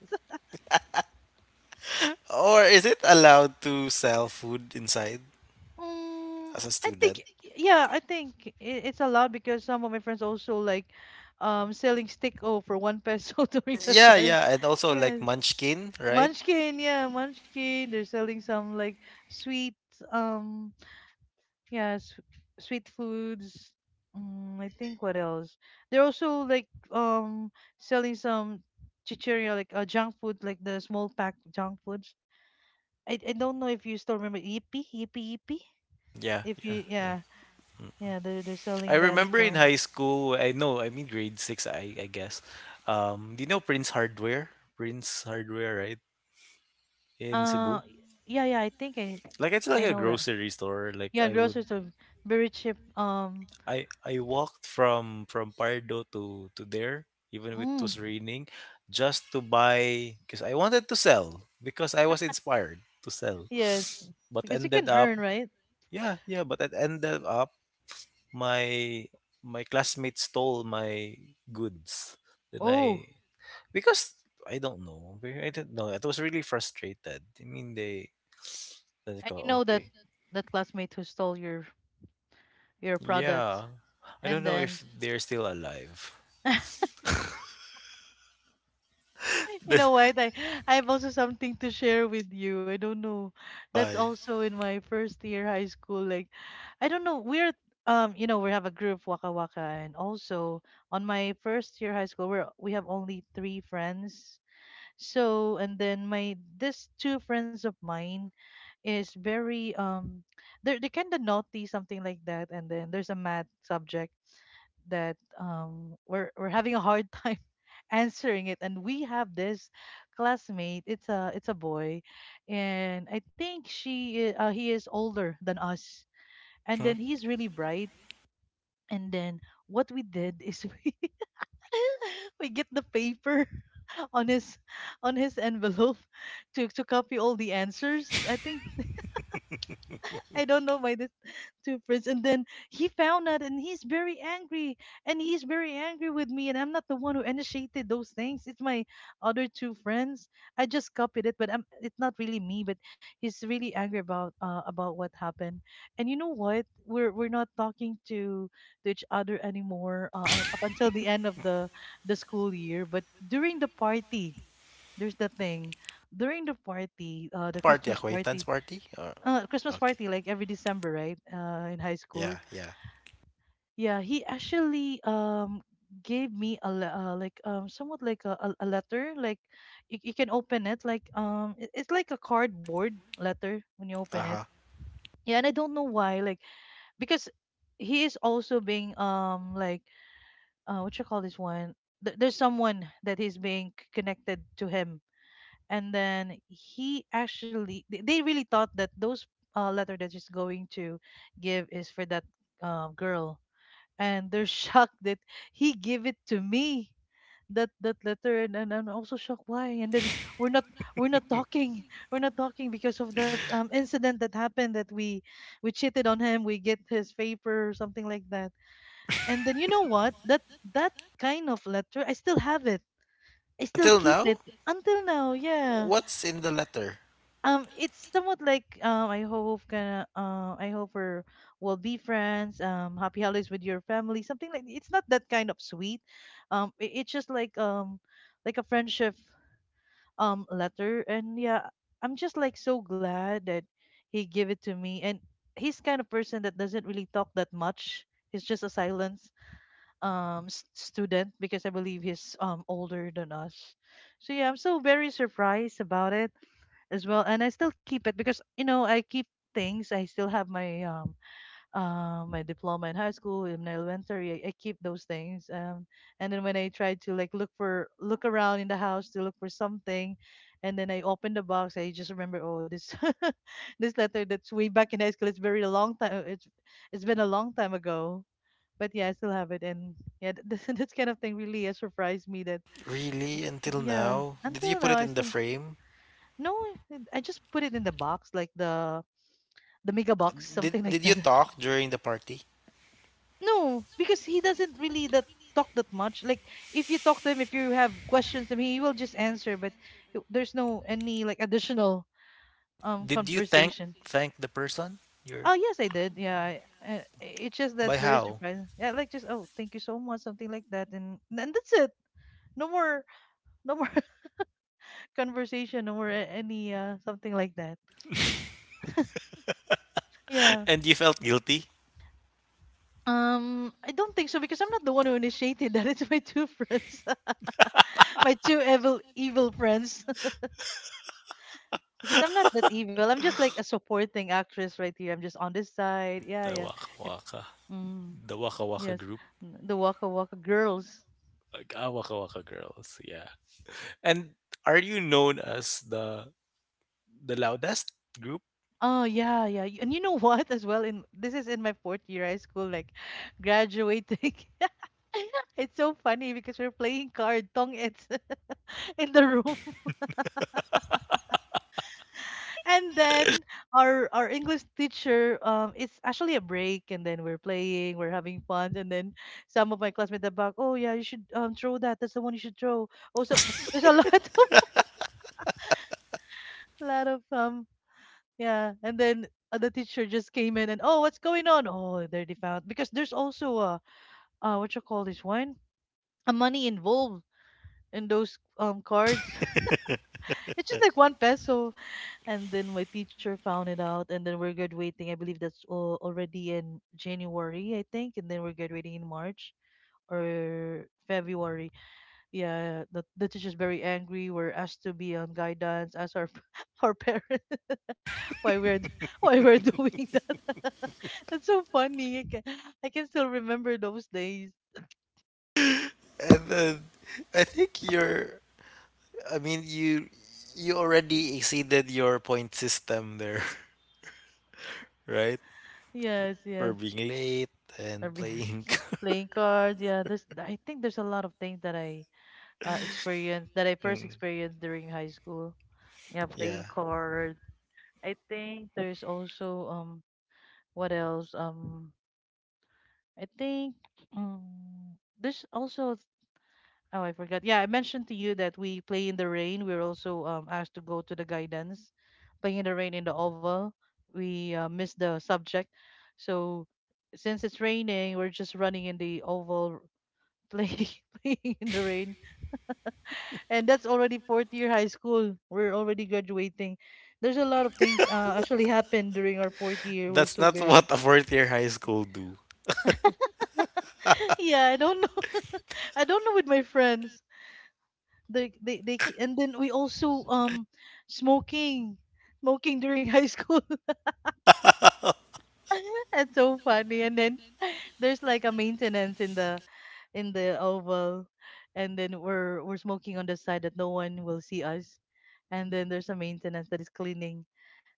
Or is it allowed to sell food inside
Mm,
as a
I
student?
think yeah, I think it's a lot, because some of my friends also like selling stick o for 1 peso during that
Yeah,
time.
yeah, and also like
Yes.
Munchkin, right?
Munchkin, yeah, Munchkin. They're selling some like sweet um yeah, sweet foods. Mm, I think what else? They're also like selling some chicheria, like junk food, like the small pack junk foods. I don't know if you still remember Yippee, Yippee, Yippee.
Yeah,
If
yeah,
you,
yeah.
yeah. Yeah, they're
I
selling that as
remember in
well.
high school, I know, I mean grade 6, I guess. Do you know Prince Hardware? Prince Hardware, right? In Cebu.
Yeah, yeah, I think
Like it's
I
like a
know that.
grocery store. Like
Yeah,
I would
groceries are very cheap.
I walked from Pardo to there, even if it
Mm,
was raining, just to buy because I wanted to sell because I was inspired to sell.
yes,
But
because you can
ended
earn,
up,
right?
yeah, yeah, but it ended up my classmates stole my goods. Then
Oh,
because I don't know, I don't know, I was really frustrated, I mean they, then they
and you know
go
that
okay.
that classmate who stole your products,
Yeah, I
and
don't know
then
if they're still alive.
you
Then—
know what? I have also something to share with you. I don't know. That's
Why?
also in my first year high school. Like, I don't know. We're we have a group Waka Waka, and also on my first year high school, we have only 3 friends, so and then my this two friends of mine is very they kind of naughty, something like that, and then there's a math subject that we're having a hard time answering it, and we have this classmate, it's a boy, and I think he is older than us, and then
Hmm?
he's really bright, and then what we did is we we get the paper on his on his envelope to copy all the answers. I think I don't know why this two friends, and then he found out and he's very angry, and he's very angry with me, and I'm not the one who initiated those things. It's my other two friends. I just copied it, but it's not really me. But he's really angry about what happened. And you know what? We're not talking to each other anymore up until the end of the school year. But during the party, there's the thing. During the party, the
Party,
Christmas party.
acquaintance party? Or,
Christmas party,
okay.
like every December, right, in high school.
Yeah, yeah.
Yeah, he actually gave me a like somewhat like a letter, like you can open it, like it's like a cardboard letter when you open it.
Uh huh.
Yeah, and I don't know why, like because he is also being like what you call this one. There's someone that he's being connected to him, and then he actually they really thought that those letter that she's going to give is for that girl, and they're shocked that he gave it to me, that that letter, and I'm also shocked why, and then we're not we're not talking we're not talking because of that incident that happened, that we cheated on him, we get his paper or something like that. And then you know what, that that kind of letter, I still have it. I still
Until
keep it
now?
until now, yeah.
What's in the letter?
It's somewhat like I hope we're will be friends, happy holidays with your family, something like, it's not that kind of sweet. It's just like a friendship letter, and yeah, I'm just like so glad that he gave it to me, and he's kind of person that doesn't really talk that much. He's just a silence student, because I believe he's older than us. So yeah, I'm so very surprised about it as well, and I still keep it, because you know, I keep things. I still have my my diploma in high school, in elementary, I keep those things and then when I try to like look around in the house to look for something, and then I open the box, I just remember, oh, this, this letter that's way back in high school. It's very long time. It's been a long time ago. But yeah, I still have it, and yeah, this kind of thing really has surprised me that
Really? Until
yeah,
now? Did
until
you
now
put
I
it in
still.
the frame?
No, I just put it in the box, like the mega box, something like
Did
that.
you talk during the party?
No, because he doesn't really that talk that much. Like if you talk to him, if you have questions, I mean, he will just answer, but there's no any like additional
Did you thank
conversation.
thank the person?
Oh
Your
yes, I did. Yeah, I, it's just that
by
very
how?
surprising. Yeah, like just, oh, thank you so much, something like that, and that's it. No more, no more conversation, no more any something like that. Yeah.
And you felt guilty?
I don't think so because I'm not the one who initiated that. It's my two friends, my two evil evil friends. Because I'm not that evil. I'm just like a supporting actress right here. I'm just on this side. Yeah,
The
yeah.
Waka
If-
Waka.
Mm,
The Waka Waka
yes,
group.
The Waka Waka girls.
Like, ah, Waka Waka girls. Yeah. And are you known as the loudest group?
Oh yeah, yeah. And you know what? As well, in this is in my fourth year high school, like, graduating. It's so funny because we're playing card tong, it's in the room. And then our English teacher, it's actually a break, and then we're playing, we're having fun, and then some of my classmates are back. Oh yeah, you should throw that. That's the one you should throw. Also, there's a lot of lot of yeah, and then the teacher just came in and, oh, what's going on? Oh, they already found, because there's also a what you call this one, a money involved in those cards. It's just like 1 peso. And then my teacher found it out, and then we're graduating. I believe that's already in January, I think, and then we're graduating in March or February. Yeah, the teacher's very angry. We're asked to be on guidance as our our parents. why we're d- why we're doing that. That's so funny. I can still remember those days.
And then I think you're, I mean you, you already exceeded your point system there, right?
Yes,
For
yes.
being late
I
and
mean,
playing.
playing cards, yeah, there's, I think, there's a lot of things that I experienced, that I first
Mm,
experienced during high school. Yeah,
yeah.
playing card. I think there's also what else, I think, um there's also, oh, I forgot. Yeah, I mentioned to you that we play in the rain. We are also asked to go to the guidance, playing in the rain in the oval. We missed the subject, so since it's raining, we're just running in the oval. play, playing in the rain. And that's already fourth year high school. We're already graduating. There's a lot of things, actually happened during our fourth year. We're
That's
so
not
very.
what a fourth year high school do.
Yeah. I don't know. I don't know with my friends. And then we also smoking smoking during high school. That's so funny. And then there's like a maintenance in the oval, and then we're smoking on the side that no one will see us, and then there's a maintenance that is cleaning.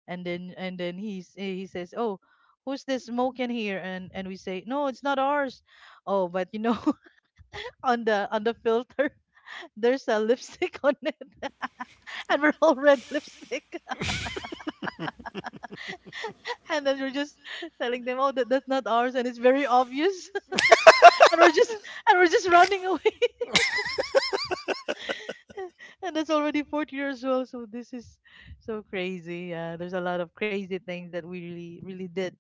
And then he says, oh, who's this smoking here? And we say, no, it's not ours. Oh, but on the filter, there's a lipstick on it. And we're all red lipstick. And then we're just telling them, oh, that's not ours, and it's very obvious. and we're just and we're just running away. And that's already 40 years old, so this is so crazy. Yeah, there's a lot of crazy things that we really, really did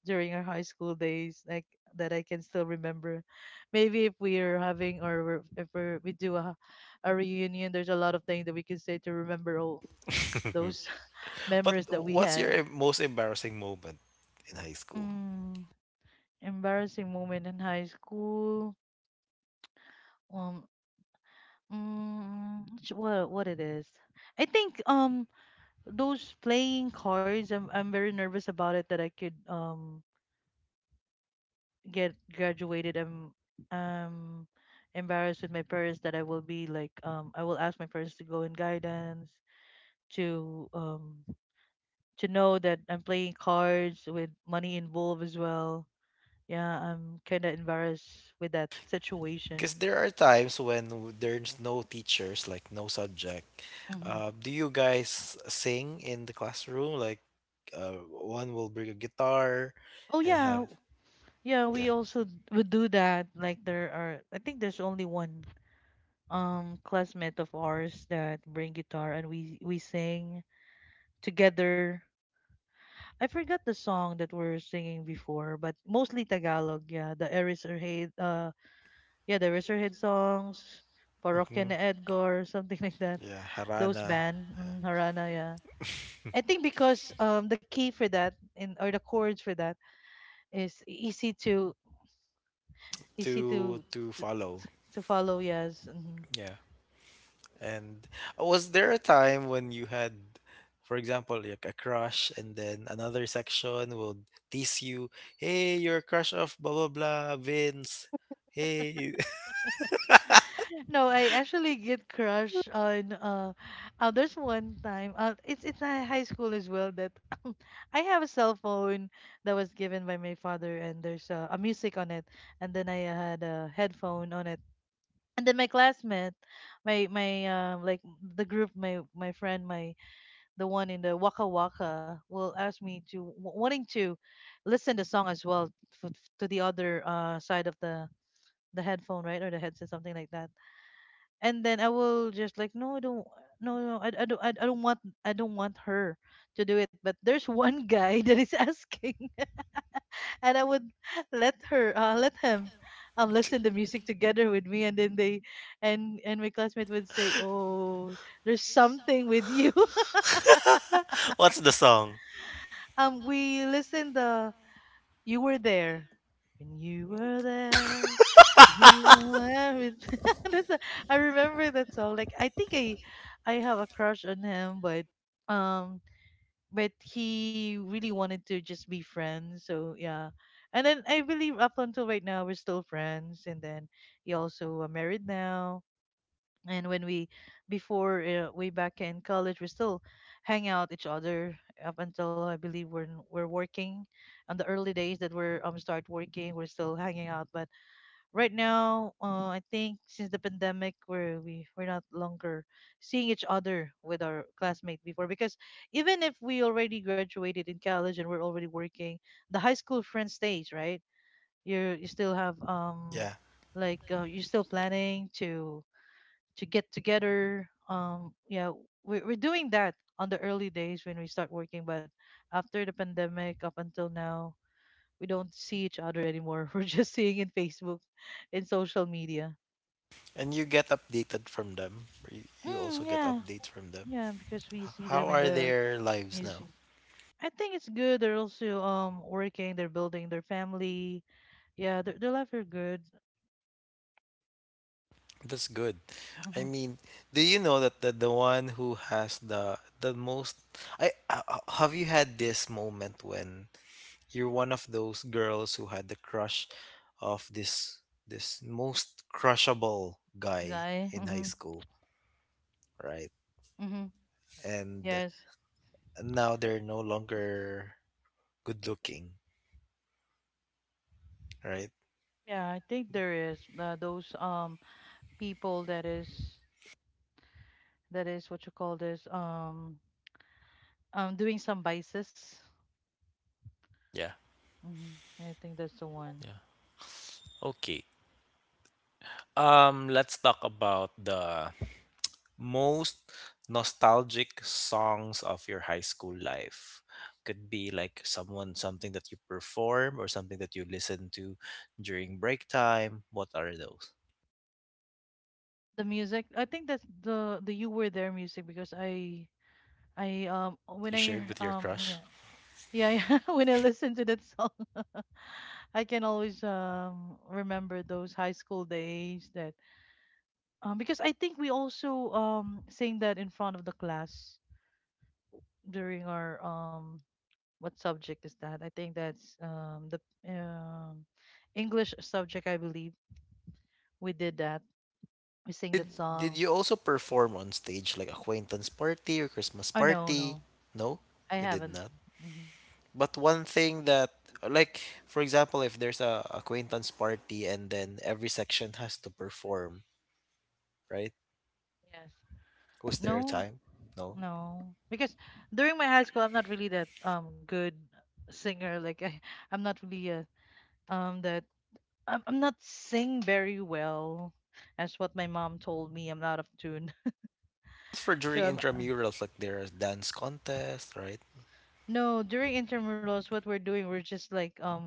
during our high school days, like that I can still remember. Maybe if we are having, or we're, if we're, we do a reunion, there's a lot of things that we can say to remember all those
But
memories that we
what's your
had.
most embarrassing moment in high school?
Mm, Embarrassing moment in high school. Um, what it is? I think those playing cards. I'm very nervous about it, that I could get graduated. I'm um embarrassed with my parents, that I will be like, I will ask my parents to go in guidance, to, to know that I'm playing cards with money involved as well. Yeah, I'm kind of embarrassed with that situation.
Because there are times when there's no teachers, like no subject.
Hmm.
Do you guys sing in the classroom? Like one will bring a guitar
Oh
and have.
yeah, yeah.
Yeah.
We also would do that. Like there are, I think, there's only one classmate of ours that bring guitar, and we sing together. I forgot the song that we're singing before, but mostly Tagalog, yeah. The Eraserhead, yeah, the Eraserhead songs, Parokya ni
Hmm.
Edgar, something like that.
Yeah,
Those
harana.
band, Harana, yeah. I think because the key for that, in or the chords for that, is easy to easy
to
to
to
to,
follow.
to follow, yes. Hmm.
Yeah. And was there a time when you had, for example, like a crush, and then another section will tease you, "Hey, you're a crush of blah blah blah, Vince." Hey,
No, I actually get crush on, there's one time, it's a high school as well that, I have a cell phone that was given by my father, and there's a music on it, and then I had a headphone on it. And then my classmate, my like, the group, my friend, my, the one in the Waka Waka will ask me to, wanting to listen the song as well, f- to the other side of the headphone, right? Or the headset, something like that. And then I will just like, no, I don't, no, no, I don't want her to do it, but there's one guy that is asking. And I would let him listen the music together with me, and then they and my classmate would say, oh, there's something with you.
what's the song?
We listen the "You Were There." When you were there, you were everything. That's the- I remember that song. Like I think I have a crush on him, but, um, but he really wanted to just be friends. So yeah, and then I believe, up until right now, we're still friends. And then he also, married now, and when we before way back in college, we still hang out each other, up until, I believe, we're working, on the early days that we're start working, we're still hanging out, but right now, I think since the pandemic, we're not longer seeing each other with our classmate before, because even if we already graduated in college and we're already working, the high school friend stays, right? You still have
Yeah,
like, you're still planning to get together. Yeah, we're doing that on the early days when we start working, but after the pandemic, up until now, we don't see each other anymore. We're just seeing in Facebook, in social media.
and you get updated from them. Or you also
Mm,
get
yeah,
updates from them.
yeah, because we
H-
see
How
them in
are
the
their lives now?
newsfeed. I think it's good. They're also working. They're building their family. Yeah, their life are good.
That's good. I
Hmm.
mean, do you know that the one who has the most, have you had this moment when you're one of those girls who had the crush of this this most crushable guy
Guy.
in high
Hmm.
school, right?
Hmm.
And
Yes.
now they're no longer good looking, right?
Yeah, I think there is, those people that is what you call this, doing some vices.
Yeah,
Hmm. I think that's the one.
yeah. Okay. Let's talk about the most nostalgic songs of your high school life. Could be like someone, something that you perform or something that you listen to during break time. What are those?
The music, I think that's the "You Were There" music, because I when
You
I
shared with your
yeah.
crush?
Yeah, yeah. When I listen to that song. I can always remember those high school days, that, because I think we also sang that in front of the class during our, what subject is that? I think that's the um English subject, I believe. We did that. We sang that
Did
song.
you also perform on stage like acquaintance party or Christmas
Oh no,
party?
no,
No,
I
you did
haven't.
not.
Hmm.
But one thing that, like for example if there's a acquaintance party and then every section has to perform, right?
Yes.
Was there a
No,
time? No.
no. Because during my high school, I'm not really that good singer. Like I'm not really a, that I'm not sing very well. That's what my mom told me. I'm out of tune.
For during
So I'm
intramurals, like there's dance contest, right?
No, during intramurals, what we're doing, we're just like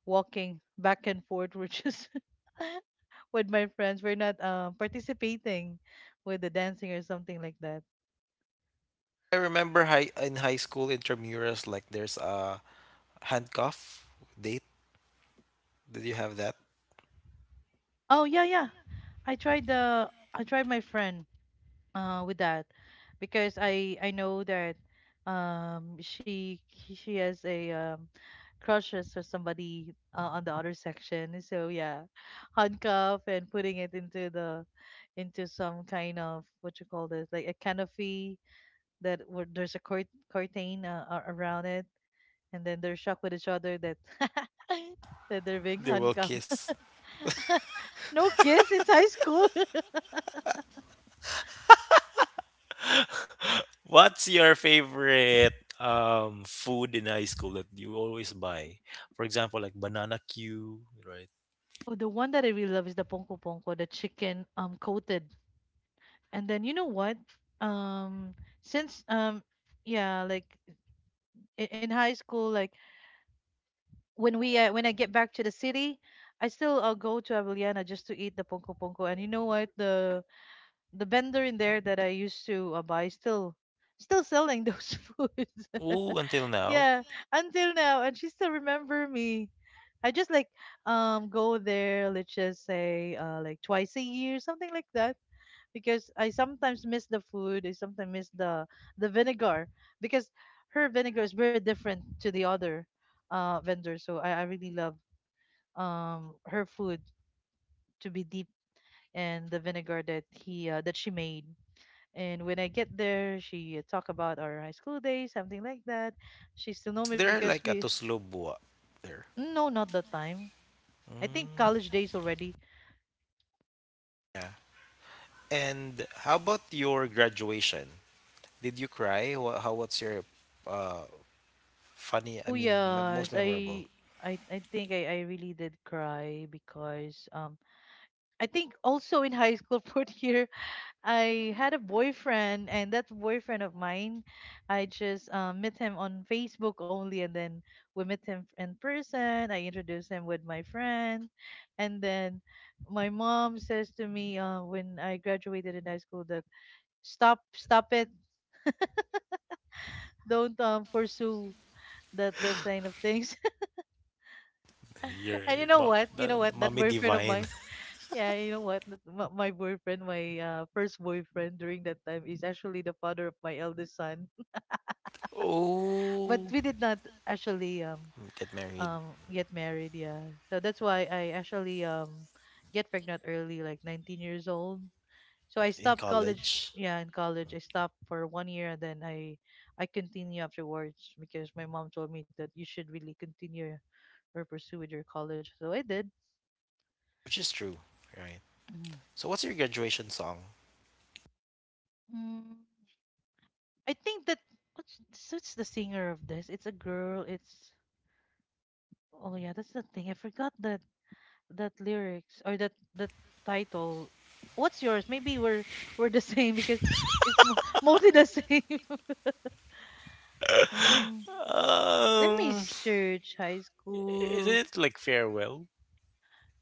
walking back and forth. We're just with my friends. We're not participating with the dancing or something like that.
I remember high in high school intramurals like there's a handcuff date. Did you have that?
Oh yeah, yeah. I tried the I tried my friend with that, because I know that, she has a, crushes or somebody, on the other section. So yeah, handcuff, and putting it into some kind of, what you call this, like a canopy, that, where there's a curtain, around it, and then they're shocked with each other, that that they're being
They will
handcuffed.
kiss.
No kiss, it's high school.
What's your favorite food in high school that you always buy? For example, like banana Q, right?
Oh, the one that I really love is the ponko ponko, the chicken coated. And then, you know what? Um, since, yeah, like in high school, like when I get back to the city, I still, go to Avellana just to eat the ponko ponko. And you know what? The vendor in there that I used to, buy, still selling those foods.
Ooh, until now.
Yeah, until now, and she still remember me. I just like go there. Let's just say, like twice a year, something like that. Because I sometimes miss the food. I sometimes miss the vinegar, because her vinegar is very different to the other vendor. So I really love her food, to be deep in the vinegar that she made. And when I get there, she talk about our high school days, something like that. She still know
Is
me
there
because
like a
we,
Toslo Bua there?
no, not that time. I think college
Mm,
days already.
yeah. And how about your graduation? Did you cry? How what's your uh funny, I
Oh
mean most
yes,
memorable?
I I I think I really did cry, because I think also in high school, fourth year, I had a boyfriend, and that boyfriend of mine, I just, met him on Facebook only, and then we met him in person. I introduced him with my friend, and then my mom says to me, when I graduated in high school, that, stop, stop it, don't, pursue that kind of things. And you
Your
know
ma,
what? You know
the
what? That
mommy
boyfriend of
divine.
mine. Yeah, you know what? My boyfriend, my, first boyfriend during that time is actually the father of my eldest son. But we
Oh,
did not actually
get married
get married, yeah. So that's why I actually get pregnant early, like 19 years old. So I
in
stopped college,
college,
yeah, in college I stopped for 1 year, and then I continue afterwards, because my mom told me that you should really continue or pursue with your college, so I did.
which is true, right?
Mm.
So what's your graduation song?
mm, I think that, what's, what's the singer of this, it's a girl, it's oh yeah, that's the thing, I forgot that. That lyrics, or that title. What's yours? Maybe we're the same because it's mostly the same. um, Let me
Um,
search high
is
school.
it like farewell?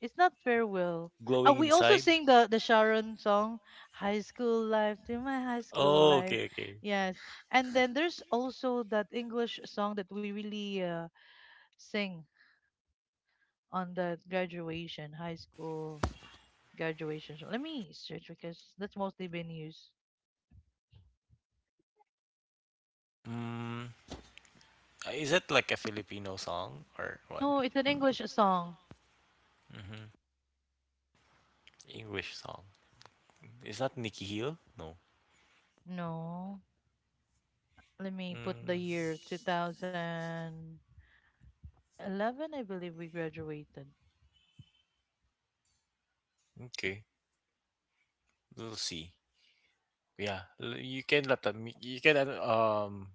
It's not farewell.
Glowing
We also
inside?
sing the Sharon song, "High School Life," to my high school
Oh,
life.
okay, okay.
Yes, and then there's also that English song that we really, sing on the graduation, high school graduation. So let me search because that's mostly been used.
Mm, is it like a Filipino song or what?
No, it's an English song.
Mm-hmm. English song. Is that Nikki Hill? No.
No. Let me put the
Mm,
year 2011, I believe we graduated.
okay. We'll see. Yeah, you can let them. You can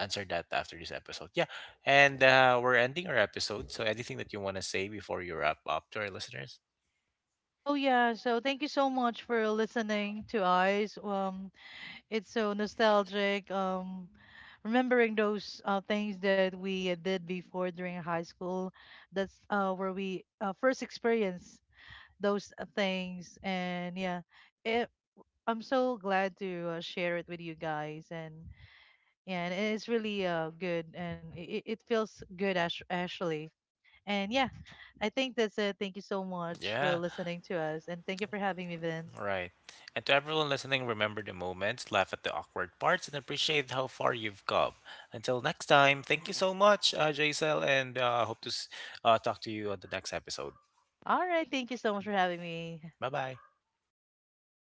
answer that after this episode. Yeah, and we're ending our episode. So anything that you want to say before you wrap up to our listeners?
Oh yeah, so thank you so much for listening to us. It's so nostalgic. Remembering those, things that we, did before during high school. That's, where we, first experienced those, things, and yeah, it, I'm so glad to, share it with you guys. And yeah, and it's really good, and it feels good, actually. And yeah, I think that's it. Thank you so much for
Yeah.
listening to us, and thank you for having me, Vince.
Right. And to everyone listening, remember the moments, laugh at the awkward parts, and appreciate how far you've come. Until next time, thank you so much, Jaisal, and hope to talk to you on the next episode.
All right, thank you so much for having me.
Bye bye.